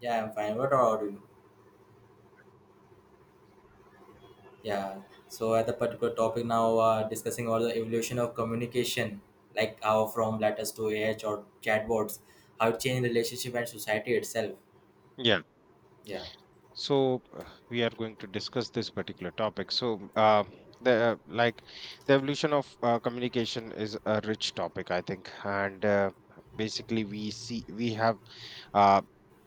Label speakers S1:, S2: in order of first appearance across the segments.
S1: Yeah, I'm fine. What about you? Yeah. So at the particular topic now, discussing about the evolution of communication, like how from letters to or chatbots, how it changed relationship and society itself.
S2: Yeah.
S1: Yeah.
S2: So we are going to discuss this particular topic. The uh, like the evolution of communication is a rich topic, I think, and basically we have uh,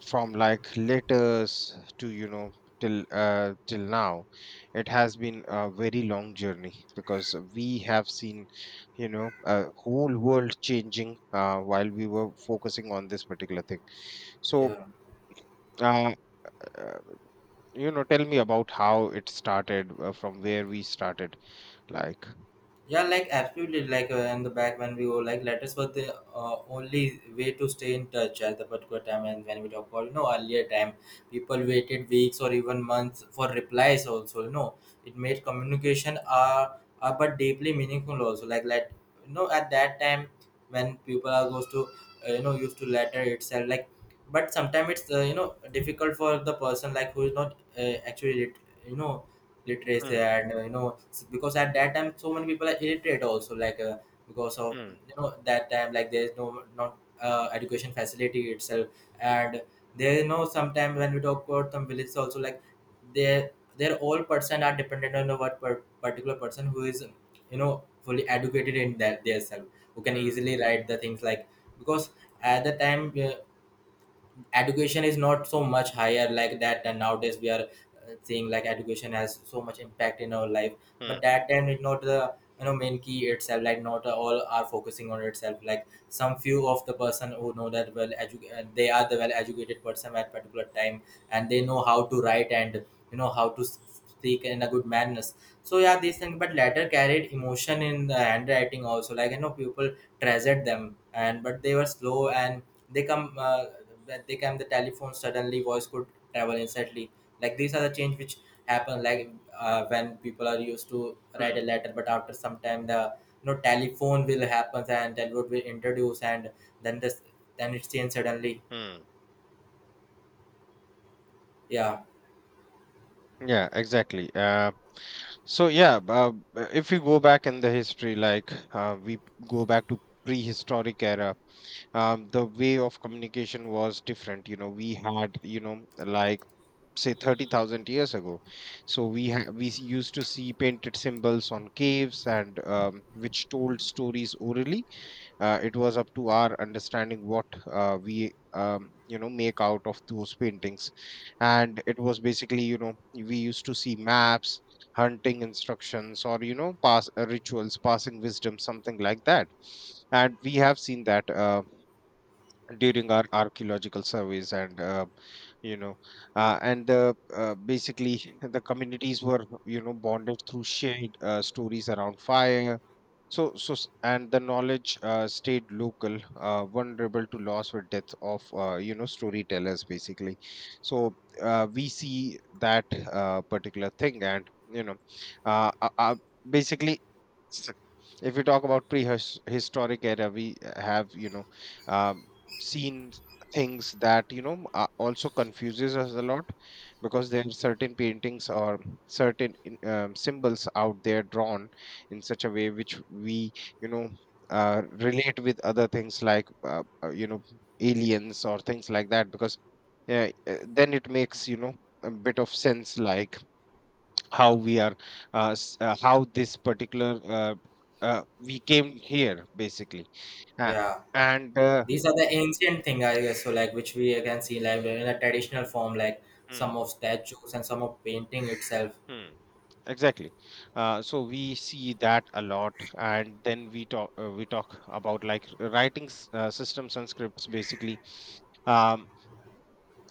S2: from like letters to till till now, it has been a very long journey because we have seen you know a whole world changing while we were focusing on this particular thing. So.
S1: Yeah.
S2: Uh, uh, you know tell me about how it started from where we started like
S1: Yeah, like absolutely. Like in the back when we were like letters were the only way to stay in touch at the particular time. And when we talk about you know earlier time, people waited weeks or even months for replies. Also, you know, it made communication but deeply meaningful. Also, like let you know at that time when people are goes to you know used to letter itself like. But sometimes it's you know difficult for the person like who is not actually you know literacy
S2: Hmm,
S1: and you know because at that time so many people are illiterate also like because of
S2: hmm,
S1: you know that time like there's no not education facility itself and there you know sometimes when we talk about some villages also like their their all person are dependent on the particular person who is you know fully educated in that their self who can
S2: hmm,
S1: easily write the things like because at the time education is not so much higher like that and nowadays we are seeing like education has so much impact in our life
S2: hmm,
S1: but that time it not the you know main key itself like not all are focusing on itself like some few of the person who know that well they are the well educated person at particular time and they know how to write and you know how to speak in a good manners so yeah these things but later carried emotion in the handwriting also like you know people treasured them and but they were slow and they come when they came the telephone suddenly voice could travel instantly like these are the change which happen like when people are used to write
S2: hmm,
S1: a letter but after some time the you know telephone will happen and telephone will introduce and then this then it's changed suddenly.
S2: hmm.
S1: Yeah.
S2: Yeah, exactly. So yeah, if we go back in the history, like we go back to prehistoric era. The way of communication was different, you know. We had, you know, like say 30,000 years ago. So we ha- we s- used to see painted symbols on caves, and which told stories orally. It was up to our understanding what we you know make out of those paintings, and it was basically, you know, we used to see maps, hunting instructions, or you know pass rituals, passing wisdom, something like that. And we have seen that. During our archaeological surveys and you know basically the communities were you know bonded through shared stories around fire, and the knowledge stayed local, vulnerable to loss or death of you know storytellers basically. So we see that particular thing, and you know uh, uh, uh, basically, s- if we talk about prehistoric era, we have, you know, um, seen things that you know also confuses us a lot, because there are certain paintings or certain symbols out there drawn in such a way which we, you know, relate with other things, like you know aliens or things like that. Because then it makes, you know, a bit of sense like how we are how this particular, we came here basically. Uh,
S1: Yeah.
S2: and
S1: These are the ancient thing I guess so like which we can see like in a traditional form like some of
S2: Hmm,
S1: statues and some of painting itself.
S2: hmm, exactly. So we see that a lot, and then we talk about like writing systems and scripts basically. um,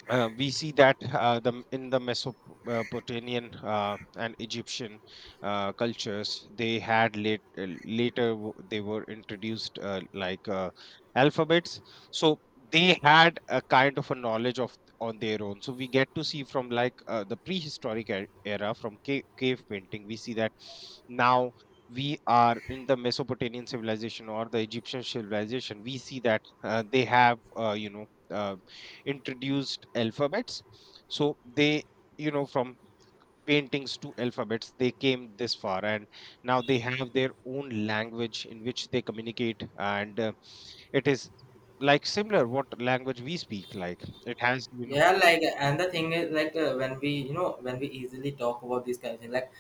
S2: we see that the in the Mesopotamian and Egyptian cultures, they had they were introduced, alphabets. So they had a kind of a knowledge of on their own. So we get to see from like the prehistoric era, from cave painting, we see that now we are in the Mesopotamian civilization or the Egyptian civilization. We see that they have you know uh, introduced alphabets. So they, you know, from paintings to alphabets, they came this far, and now they have their own language in which they communicate, and it is like similar what language we speak. Like, it has you know.
S1: Yeah, like and the thing is like when we you know when we easily talk about these kind of thing like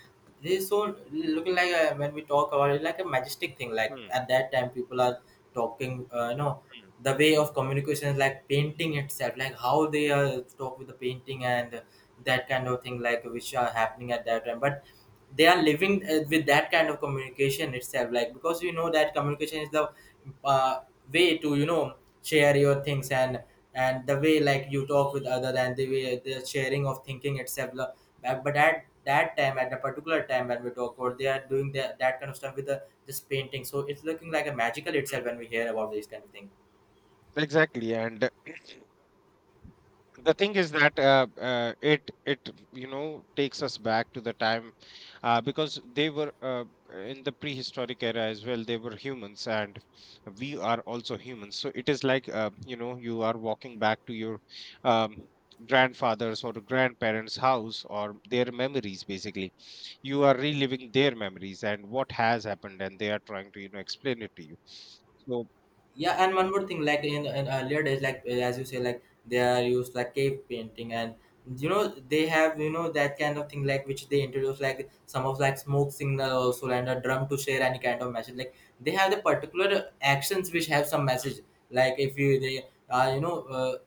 S1: this is so looking like when we talk about it like a majestic thing like
S2: Hmm,
S1: at that time people are talking you know
S2: hmm,
S1: the way of communication is like painting itself like how they are talk with the painting and that kind of thing like which are happening at that time but they are living with that kind of communication itself like because you know that communication is the uh, way to you know share your things and the way like you talk with other and the way the sharing of thinking itself but at that time at a particular time when we talk or they are doing that kind of stuff with the this painting so it's looking like a magical itself
S2: hmm.
S1: when we hear about these kind of things.
S2: Exactly. And the thing is that it you know takes us back to the time, because they were in the prehistoric era as well, they were humans, and we are also humans. So it is like you know you are walking back to your um, grandfather's or grandparents house, or their memories basically. You are reliving their memories and what has happened, and they are trying to you know explain it to you. So
S1: Yeah, and one more thing, like in earlier days, like as you say, like they are used like cave painting, and you know they have you know that kind of thing like which they introduce like some of like smoke signal also and a drum to share any kind of message. Like they have the particular actions which have some message. Like if you they are you know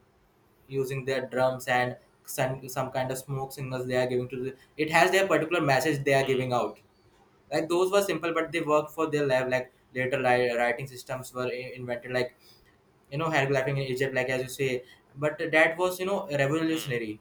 S1: using their drums and some kind of smoke signals they are giving to the, it has their particular message they are
S2: Hmm,
S1: giving out. Like those were simple, but they work for their life. Like later writing systems were invented like you know hieroglyphing in Egypt like as you say but that was you know
S2: hmm.
S1: revolutionary.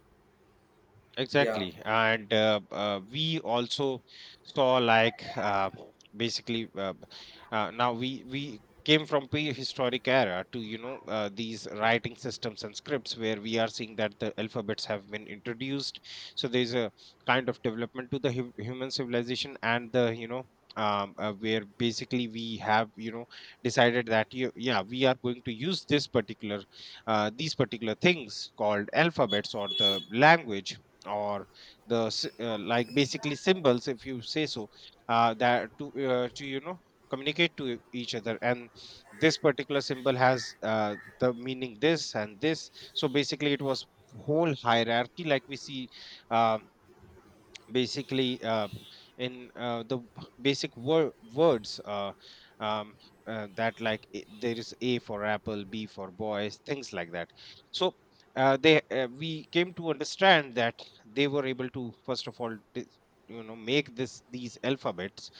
S1: Yeah.
S2: Exactly. And we also saw like basically uh, b- now we came from prehistoric era to you know these writing systems and scripts, where we are seeing that the alphabets have been introduced. So there's a kind of development to the human civilization and the, you know, where basically we have, you know, decided that yeah, we are going to use this particular these particular things called alphabets, or the language, or like basically symbols, if you say so. That to you know communicate to each other, and this particular symbol has the meaning this and this. So basically it was whole hierarchy like we see um, basically in basic words, um, that like there is A for apple, B for boys, things like that. So they we came to understand that they were able to first of all you know make this these alphabets,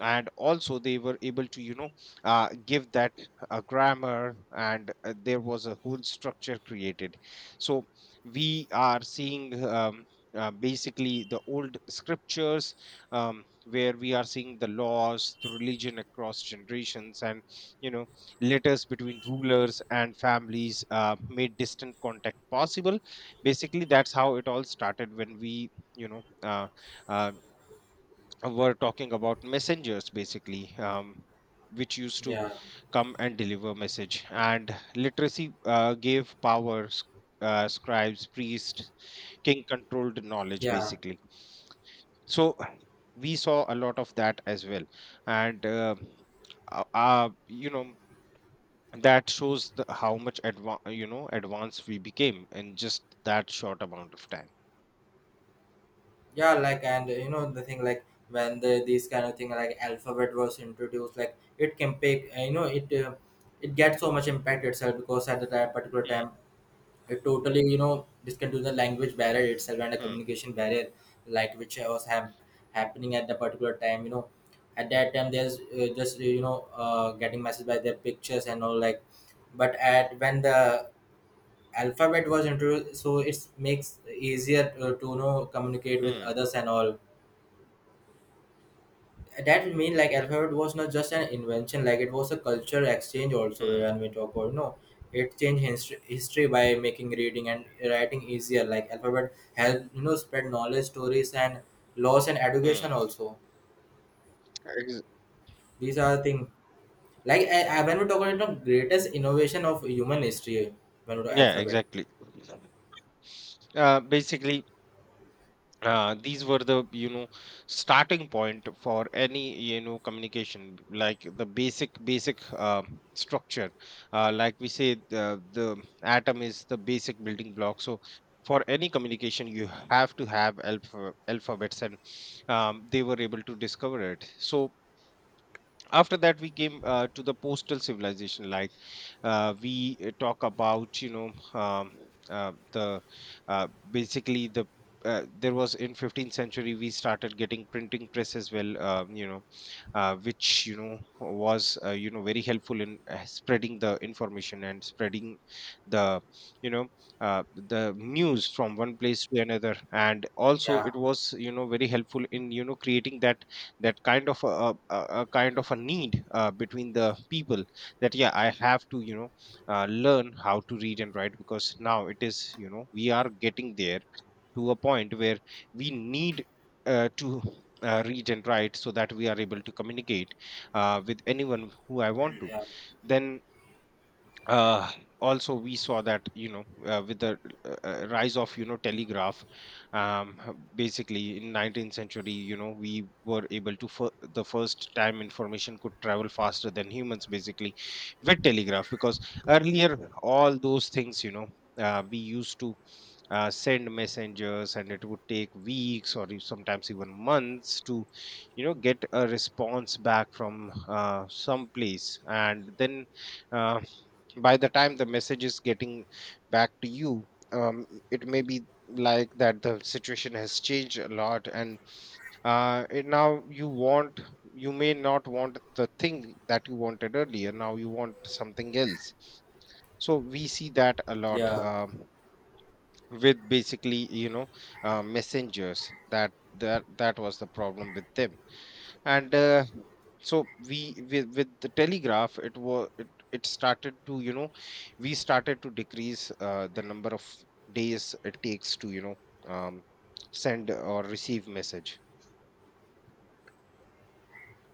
S2: and also they were able to you know give that a grammar, and there was a whole structure created. So we are seeing basically the old scriptures, where we are seeing the laws, the religion, across generations, and you know letters between rulers and families made distant contact possible. Basically that's how it all started, when we you know uh, were talking about messengers basically, which used to
S1: Yeah.
S2: come and deliver message, and literacy gave power. Scribes, priests, king controlled knowledge
S1: Yeah.
S2: basically. So we saw a lot of that as well, and you know that shows how much you know advanced we became in just that short amount of time.
S1: Yeah, like and you know the thing like when the these kind of thing like alphabet was introduced like it can pick you know it it gets so much impact itself because at that particular time it totally you know this can do the language barrier itself and a
S2: hmm,
S1: communication barrier like which was happening at the particular time you know at that time there's just you know getting messaged by their pictures and all like but at when the alphabet was introduced so it makes easier to you know communicate with
S2: hmm,
S1: others and all that mean like alphabet was not just an invention like it was a culture exchange also
S2: hmm,
S1: when we talk about no it changed history by making reading and writing easier like alphabet helped you know spread knowledge stories and laws and
S2: hmm.
S1: education also
S2: Ex-
S1: these are the things like I when we talk about the greatest innovation of human
S2: hmm.
S1: history when we talk
S2: Yeah,
S1: alphabet.
S2: exactly. Basically these were the, you know, starting point for any, you know, communication, like the basic structure. Like we say the atom is the basic building block. So for any communication you have to have alphabets, and they were able to discover it. So after that we came to the postal civilization. Like, we talk about, you know, um, the basically there was in 15th century we started getting printing press as well, you know, which you know was you know very helpful in spreading the information and spreading the, you know, the news from one place to another, and also
S1: Yeah.
S2: it was you know very helpful in you know creating that kind of a kind of a need between the people, that yeah, I have to you know learn how to read and write, because now it is you know we are getting there to a point where we need to read and write, so that we are able to communicate with anyone who I want to.
S1: Yeah.
S2: Then uh also we saw that you know with the rise of you know telegraph. Basically in 19th century, you know, we were able to for the first time, information could travel faster than humans basically, with telegraph. Because earlier all those things, you know, we used to send messengers, and it would take weeks or sometimes even months to you know get a response back from some place, and then uh, by the time the message is getting back to you, it may be like that the situation has changed a lot, and it now you want, you may not want the thing that you wanted earlier, now you want something else. So we see that a lot,
S1: Yeah.
S2: with basically you know messengers, that was the problem with them. And so we with the telegraph, it was it started to, you know, we started to decrease the number of days it takes to you know um, send or receive message.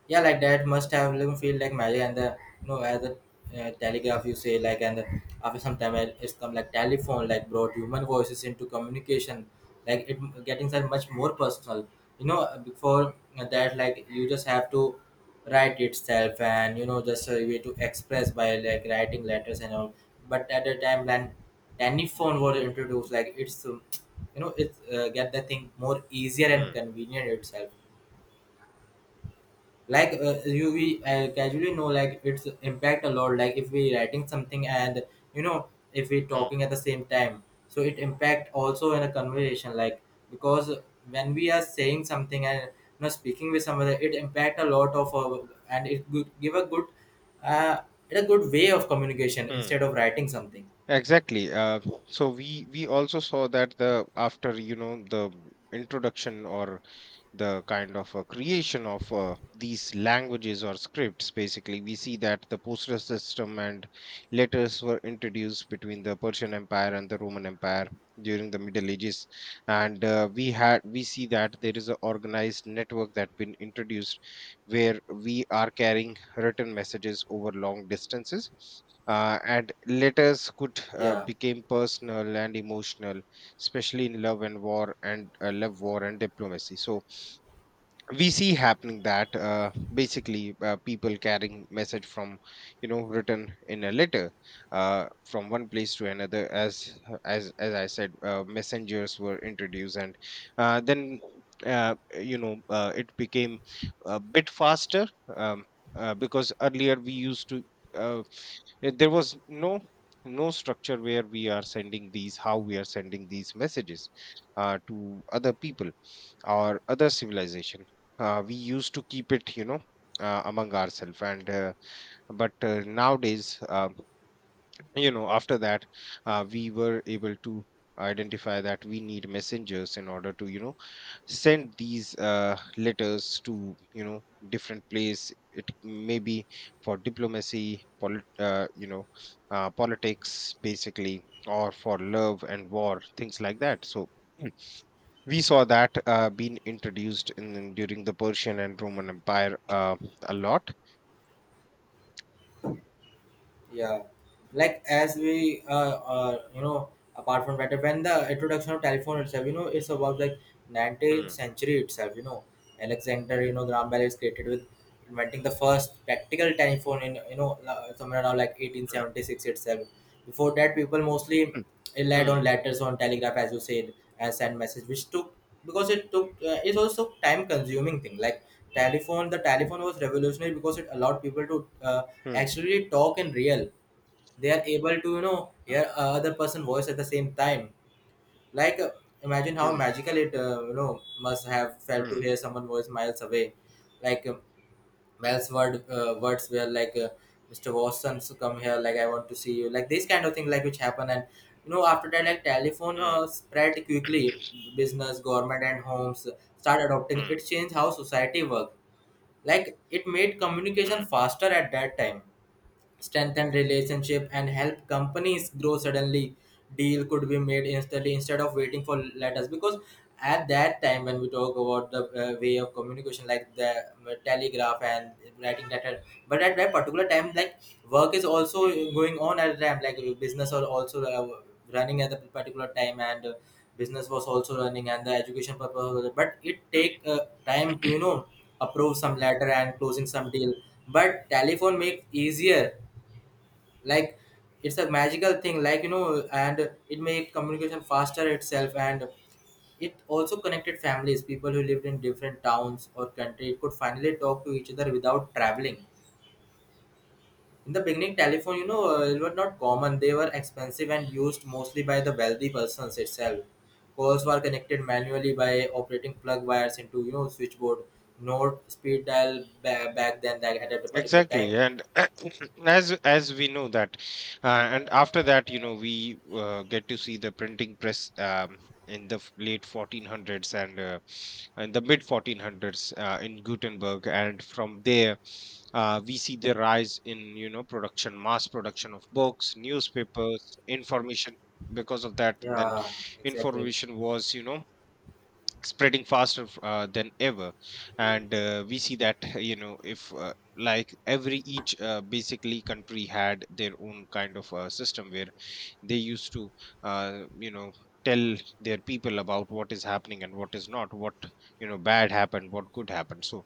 S1: Yeah, like that must have even feel like magic and the you know as a telegraph you say like and after some time it's come like telephone like brought human voices into communication like it getting that much more personal you know before that like you just have to write itself and you know just a way to express by like writing letters and all but at the time when telephone was introduced like it's you know it's get the thing more easier and
S2: Hmm,
S1: convenient itself like you we casually know like it's impact a lot like if we writing something and you know if we
S2: hmm,
S1: talking at the same time so it impact also in a conversation like because when we are saying something and you know speaking with someone it impact a lot of and give a good uh, way of communication
S2: hmm.
S1: instead of writing something.
S2: Exactly. So we also saw that the after you know the introduction or the kind of creation of these languages or scripts. Basically, we see that the postal system and letters were introduced between the Persian Empire and the Roman Empire during the Middle Ages, and we see that there is an organized network that been introduced where we are carrying written messages over long distances. And letters could
S1: Yeah.
S2: became personal and emotional, especially in love and war, and love war and diplomacy. So we see happening that basically people carrying message from you know written in a letter from one place to another. As as I said, messengers were introduced, and then uh, it became a bit faster. um, because earlier we used to uh, there was no no structure where we are sending these messages to other people or other civilization. We used to keep it, among ourselves, and but nowadays, after that, we were able to identify that we need messengers in order to, you know, send these letters to, you know, different place. It may be for diplomacy, politics basically, or for love and war, things like that. So we saw that being introduced in, during the Persian and Roman Empire, a lot.
S1: Yeah, like as we you know apart from that when the introduction of telephone itself you know it's about like 19th
S2: Mm,
S1: century itself you know Alexander you know Graham Bell is created with inventing the first practical telephone in you know somewhere around like
S2: mm,
S1: 1876 itself before that people mostly
S2: mm,
S1: relied on
S2: mm,
S1: letters on telegraph as you said and send message which took because it took it's also time consuming thing like telephone was revolutionary because it allowed people to uh, actually talk in real they are able to you know hear a other person voice at the same time like imagine
S2: mm,
S1: how
S2: mm,
S1: magical it you know must have felt to
S2: mm,
S1: hear someone voice miles away like Mel's words were like Mr. Watson's come here, like I want to see you, like this kind of thing, like which happen and you know after that like telephone spread quickly, business, government and homes start adopting.
S2: mm, mm,
S1: It changed how society worked. Like it made
S2: mm,
S1: communication
S2: mm,
S1: faster at that time strengthen relationship and help companies grow suddenly deal could be made instantly instead of waiting for letters because at that time when we talk about the way of communication like the telegraph and writing letter but at that particular time like work is also going on at the time like business are also running at the particular time and business was also running and the education purpose but it take
S2: mm.
S1: time to you know approve some letter and closing some deal but telephone makes easier like it's a magical thing like you know and it made communication faster itself and it also connected families people who lived in different towns or countries could finally talk to each other without traveling in the beginning telephone you know were not common they were expensive and used mostly by the wealthy persons itself calls were connected manually by operating plug wires into you know switchboard not speed dial back then like at a particular
S2: Exactly,
S1: time.
S2: and as we know that, and after that, you know, we get to see the printing press, um, in the late 1400s, and in the mid 1400s in Gutenberg, and from there we see the rise in, you know, production, mass production of books, newspapers, information. Because of that, then
S1: Yeah, exactly.
S2: information was, you know, spreading faster than ever. And we see that you know, if like every each basically country had their own kind of system where they used to uh, you know tell their people about what is happening and what is not, what, you know, bad happened, what good happened. So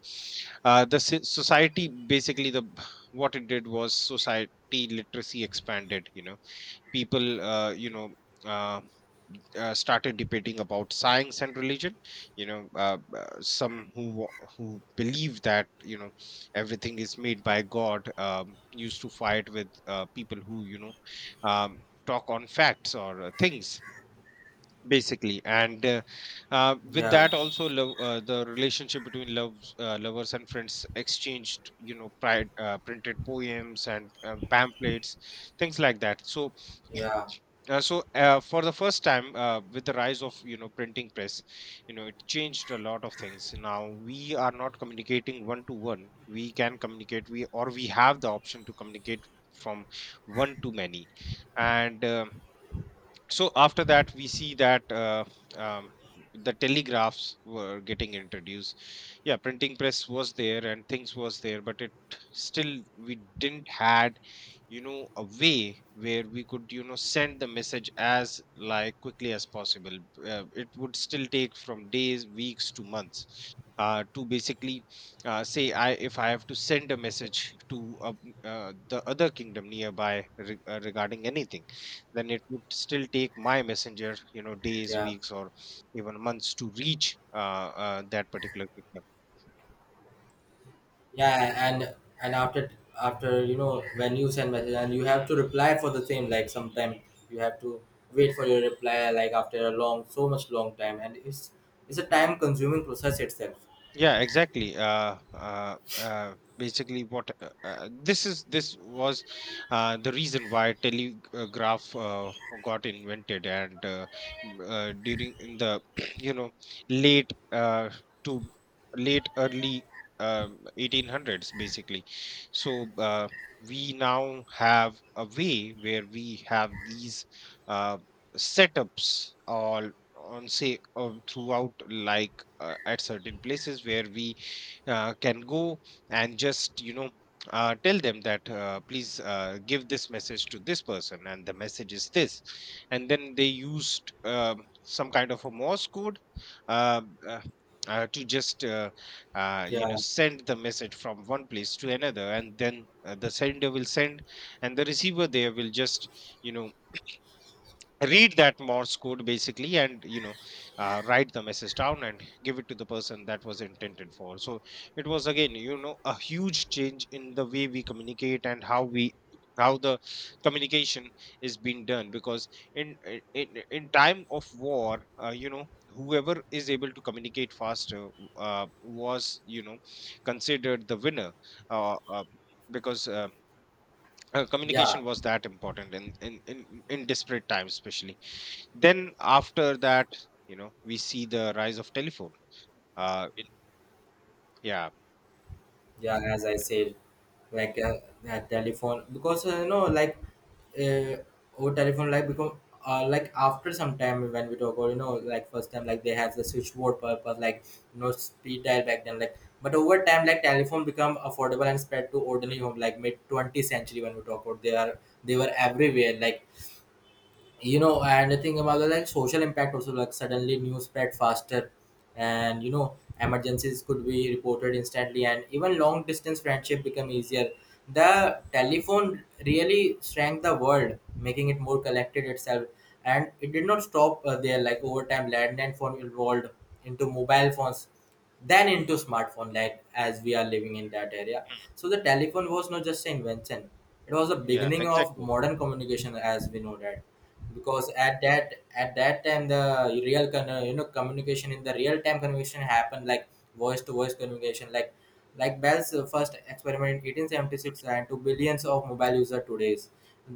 S2: society, basically, the what it did was society, literacy expanded, you know, people uh, started debating about science and religion. You know, some who who believe that, you know, everything is made by god, used to fight with people who, you know, um, talk on facts or things basically. And with
S1: Yeah.
S2: that also love, the relationship between loves lovers and friends exchanged, you know, printed poems and pamphlets, things like that. So
S1: Yeah.
S2: for the first time, with the rise of, you know, printing press, you know, it changed a lot of things. Now we are not communicating one to one, we can communicate, we, or we have the option to communicate from one to many. And um, so after that we see that um, the telegraphs were getting introduced. Yeah, printing press was there and things was there, but it still we didn't had, you know, a way where we could, you know, send the message as like quickly as possible. It would still take from days, weeks to months to basically, say, I if I have to send a message to the other kingdom nearby, regarding anything, then it would still take my messenger, you know, days,
S1: Yeah.
S2: weeks, or even months to reach that particular victim.
S1: Yeah, and after you know when you send message and you have
S2: Hmm,
S1: to reply for the same. Like sometimes you have to wait for your reply like after a long so much long time, and it's a time
S2: hmm.
S1: consuming process itself.
S2: Yeah, exactly. Basically, what this is, this was the reason why telegraph got invented, and during in the you know, late uh, to late early 1800s, basically. So we now have a way where we have these uh, setups, or on say, throughout, like at certain places where we can go and just, you know, tell them that, please give this message to this person and the message is this. And then they used some kind of a morse code uh, uh, to just you know,
S1: Yeah,
S2: send the message from one place to another. And then the sender will send and the receiver there will just, you know, read that morse code basically, and, you know, write the message down and give it to the person that was intended for. So it was again, you know, a huge change in the way we communicate, and how we, how the communication is being done. Because in time of war, you know, whoever is able to communicate faster was, you know, considered the winner. uh, uh, because
S1: yeah.
S2: communication was that important in desperate times especially. Then after that, you know, we see the rise of telephone. Uh, it, yeah.
S1: Yeah, as I said, like that telephone, because you know, like uh, our telephone, like become like after some time. When we talk about, you know, like first time, like they have the switchboard purpose, like no speed dial back then, like. But over time, like telephone become affordable and spread to ordinary home, like mid 20th century. When we talk about, they were everywhere, like you know. And the thing about the, like, social impact also, like suddenly news spread faster. And you know emergencies could be reported instantly, and even long distance friendship become easier. The telephone really shrank the world, making it more collected itself. And it did not stop there, like over time landline phone evolved into mobile phones, then into smartphone, like as we are living in that area.
S2: Mm.
S1: So the telephone was not just an invention, it was the
S2: Yeah,
S1: beginning of
S2: exactly.
S1: modern communication as we know that. Because at that time, the real con- you know communication, in the real time communication happened, like voice to voice communication, like Bell's first experiment in 1876, and to billions of mobile users today.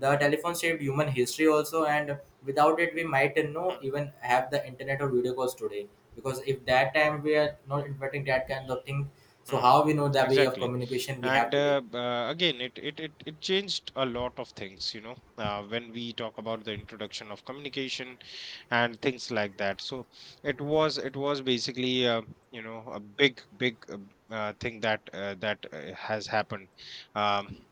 S1: The telephone shaped human history also, and without it, we might
S2: Mm,
S1: not even have the internet or video calls today. Because if that time we are not inventing that kind of thing, so
S2: mm.
S1: how we know the way of
S2: Exactly,
S1: communication we have
S2: and
S1: today?
S2: again, it changed a lot of things. You know, when we talk about the introduction of communication and things like that. So it was basically, you know, a big big thing that has happened. Um,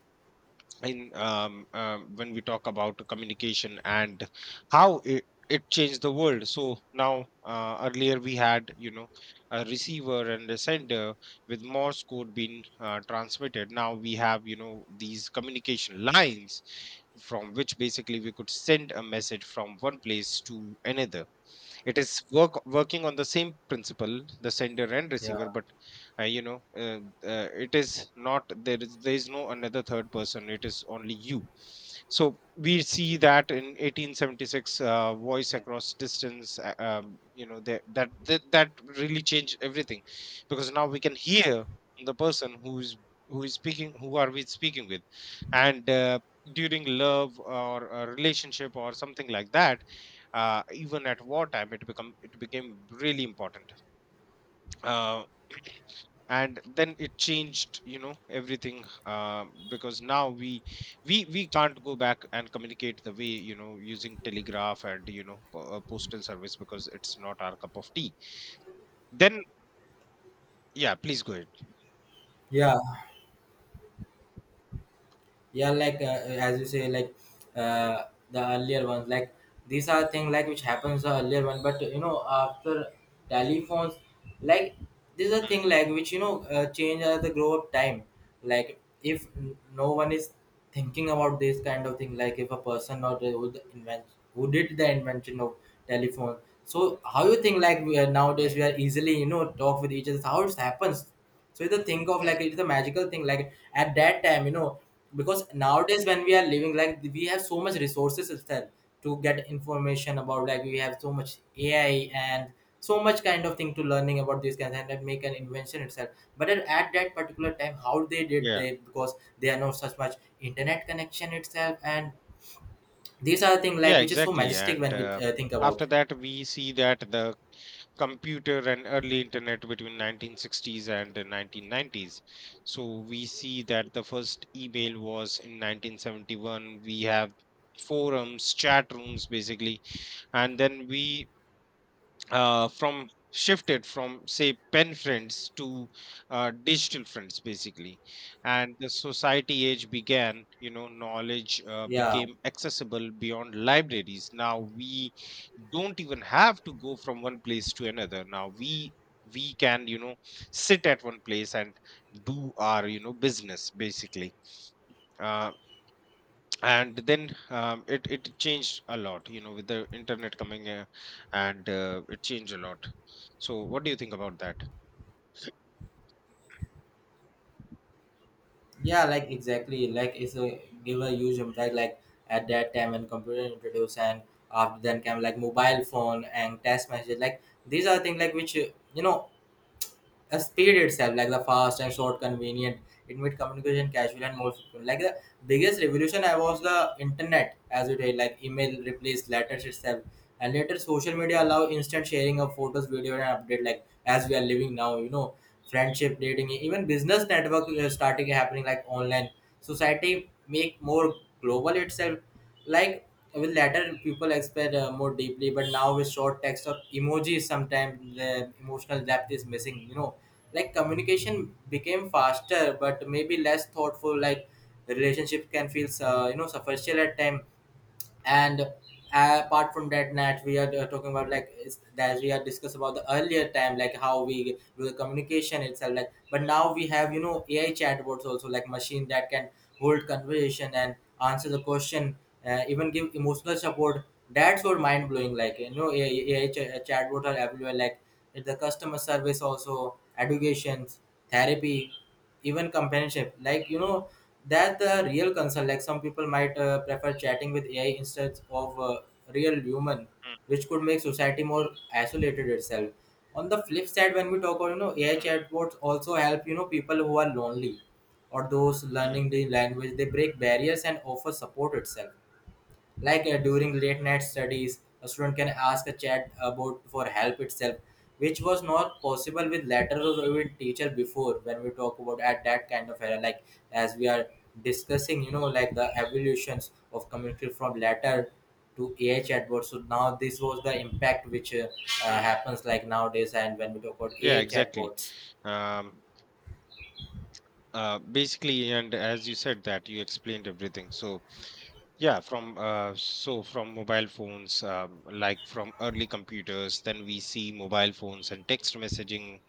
S2: in when we talk about communication and how it changed the world. So now earlier we had, you know, a receiver and a sender with morse code being transmitted. Now we have, you know, these communication lines from which basically we could send a message from one place to another. It is working on the same principle, the sender and
S1: Yeah,
S2: receiver. But uh, you know uh, it is not, there is no another third person, it is only you. So we see that in 1876, voice
S1: yeah.
S2: across distance, you know, that really changed everything. Because now we can hear the person who is, speaking, who are we speaking with. And during love or a relationship or something like that, even at wartime, it became really important. uh, and then it changed, you know, everything, because now we can't go back and communicate the way, you know, using telegraph and, you know, postal service, because it's not our cup of tea. Then yeah, please go ahead.
S1: Yeah, yeah, like as you say, like uh, the earlier ones, like these are things like which happens the earlier one, but you know after telephones, like this is a thing
S2: Mm,
S1: like which you know change as the grow up time. Like if no one is thinking about this kind of thing, like if a person or the, who, the invent, who did the invention of telephone. So how you think, like we are
S2: mm,
S1: nowadays, we are easily you know talk with each other, how it happens? So it's a thing of
S2: mm.
S1: like it's a magical thing like at that time you know. Because nowadays when we are living, like we have so much resources itself to get information about, like we have so much ai and so much kind of thing to learning about these kinds and then make an invention itself. But at that particular time, how they did
S2: yeah
S1: they? Because they are not such much internet connection itself, and these are the thing like
S2: yeah,
S1: which is so
S2: exactly.
S1: majestic
S2: And
S1: when we think about.
S2: after that, we see that the computer and early internet between 1960s and the 1990s. So we see that the first email was in 1971. We have forums, chat rooms basically, and then we from shifted from, say, pen friends to digital friends basically. And the society age began, you know, knowledge
S1: Yeah.
S2: became accessible beyond libraries. Now we don't even have to go from one place to another. Now we can, you know, sit at one place and do our, you know, business basically. Uh, and then um, it changed a lot, you know, with the internet coming, and it changed a lot. So what do you think about that?
S1: Yeah, like exactly, like it's a give a huge impact. Like at that time when computer introduced, and after then came like mobile phone and text message. Like these are things like which you know a speed itself, like the fast and short, convenient. It made communication casual and more frequent. Like the biggest revolution I was the internet, as we say, like email replaced letters itself, and later social media allow instant sharing of photos video and update, like as we are living now you know. Friendship dating even business network is starting happening like online, society make more global itself, like with later people expect more deeply, but now with short text or emojis sometimes the emotional depth is missing you know. Like communication became faster but maybe less thoughtful, like relationship can feel you know superficial at time. And apart from that, nat we are talking about like as we are discussed about the earlier time, like how we do the communication itself, like but now we have you know ai chatbots also, like machine that can hold conversation and answer the question, even give emotional support. That's what mind blowing, like you know ai, chatbot are everywhere, like it's the customer service also, educations, therapy, even companionship, like you know that's the real concern. Like some people might prefer chatting with AI instead of real human,
S2: Mm,
S1: which could make society more isolated itself. On the flip side, when we talk about you know AI
S2: mm,
S1: chatbots also help you know people who are lonely, or those learning
S2: mm,
S1: the language. They break barriers and offer support itself, like during late night studies a student can ask a chat about for help itself, which was not possible with letters or even teacher before, when we talk about at that kind of era. Like as we are discussing, you know, like the evolutions of communication from letter to AI chatbot. So now this was the impact which
S2: mm.
S1: happens like nowadays, and when we talk about
S2: Yeah,
S1: AI
S2: exactly.
S1: chatbots.
S2: um basically, and as you said, that you explained everything. So yeah, from mobile phones, like from early computers, then we see mobile phones and text messaging,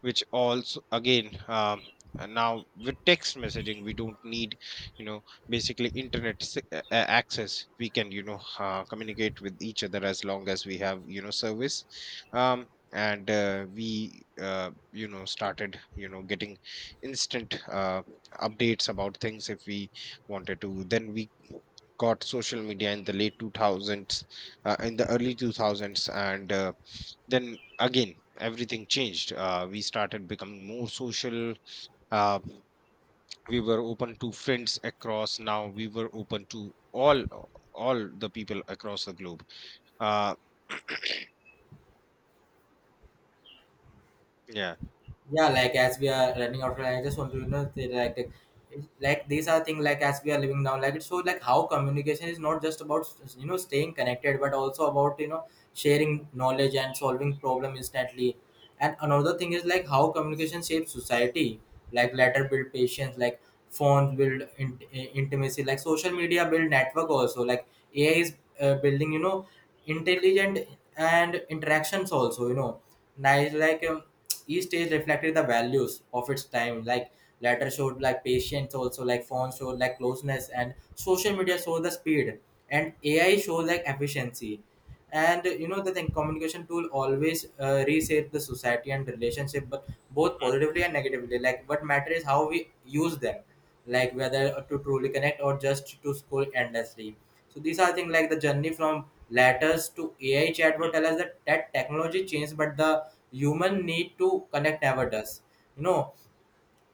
S2: which also again, and now with text messaging, we don't need, you know, basically internet access. We can, you know, communicate with each other as long as we have, you know, service. um, and we you know, started, you know, getting instant updates about things if we wanted to. Then we got social media in the late 2000s, in the early 2000s, and then again everything changed. We started becoming more social. uh, we were open to friends across, now we were open to all the people across the globe. uh, yeah.
S1: Yeah, like as we are running out of time, I just want to you know say, like these are things like as we are living now, like it shows like how communication is not just about you know staying connected, but also about you know sharing knowledge and solving problem instantly. And another thing is like how communication shapes society. Like letter build patience, like phones build intimacy, like social media build network also, like ai is building you know intelligent and interactions also, you know, nice, like each stage reflected the values of its time. Like letter showed like patience also, like phone showed like closeness, and social media showed the speed, and ai shows like efficiency. And you know the thing, communication tool always reshape the society and relationship, but both positively and negatively, like what matter is how we use them, like whether to truly connect or just to scroll endlessly. So these are things like the journey from letters to ai chatbot
S2: Mm,
S1: tell us that technology changed, but the human need to connect never does, you know.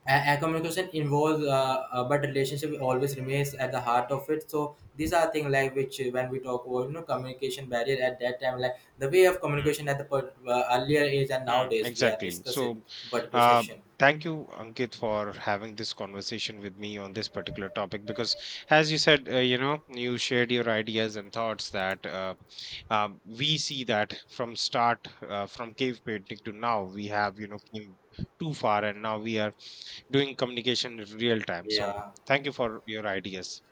S1: And, communication involves but relationship always remains at the heart of it. So these are things like which when we talk about you know communication barrier at that time, like the way of
S2: mm, mm.
S1: communication at the earlier age and
S2: Hmm,
S1: nowadays we are
S2: exactly.
S1: discussing
S2: So,
S1: particular
S2: uh,
S1: session.
S2: thank you, Ankit, for having this conversation with me on this particular topic. Because, as you said, you know, you shared your ideas and thoughts that, we see that from start, from cave painting to now, we have, you know, came too far, and now we are doing communication in real time. So,
S1: Yeah.
S2: thank you for your ideas.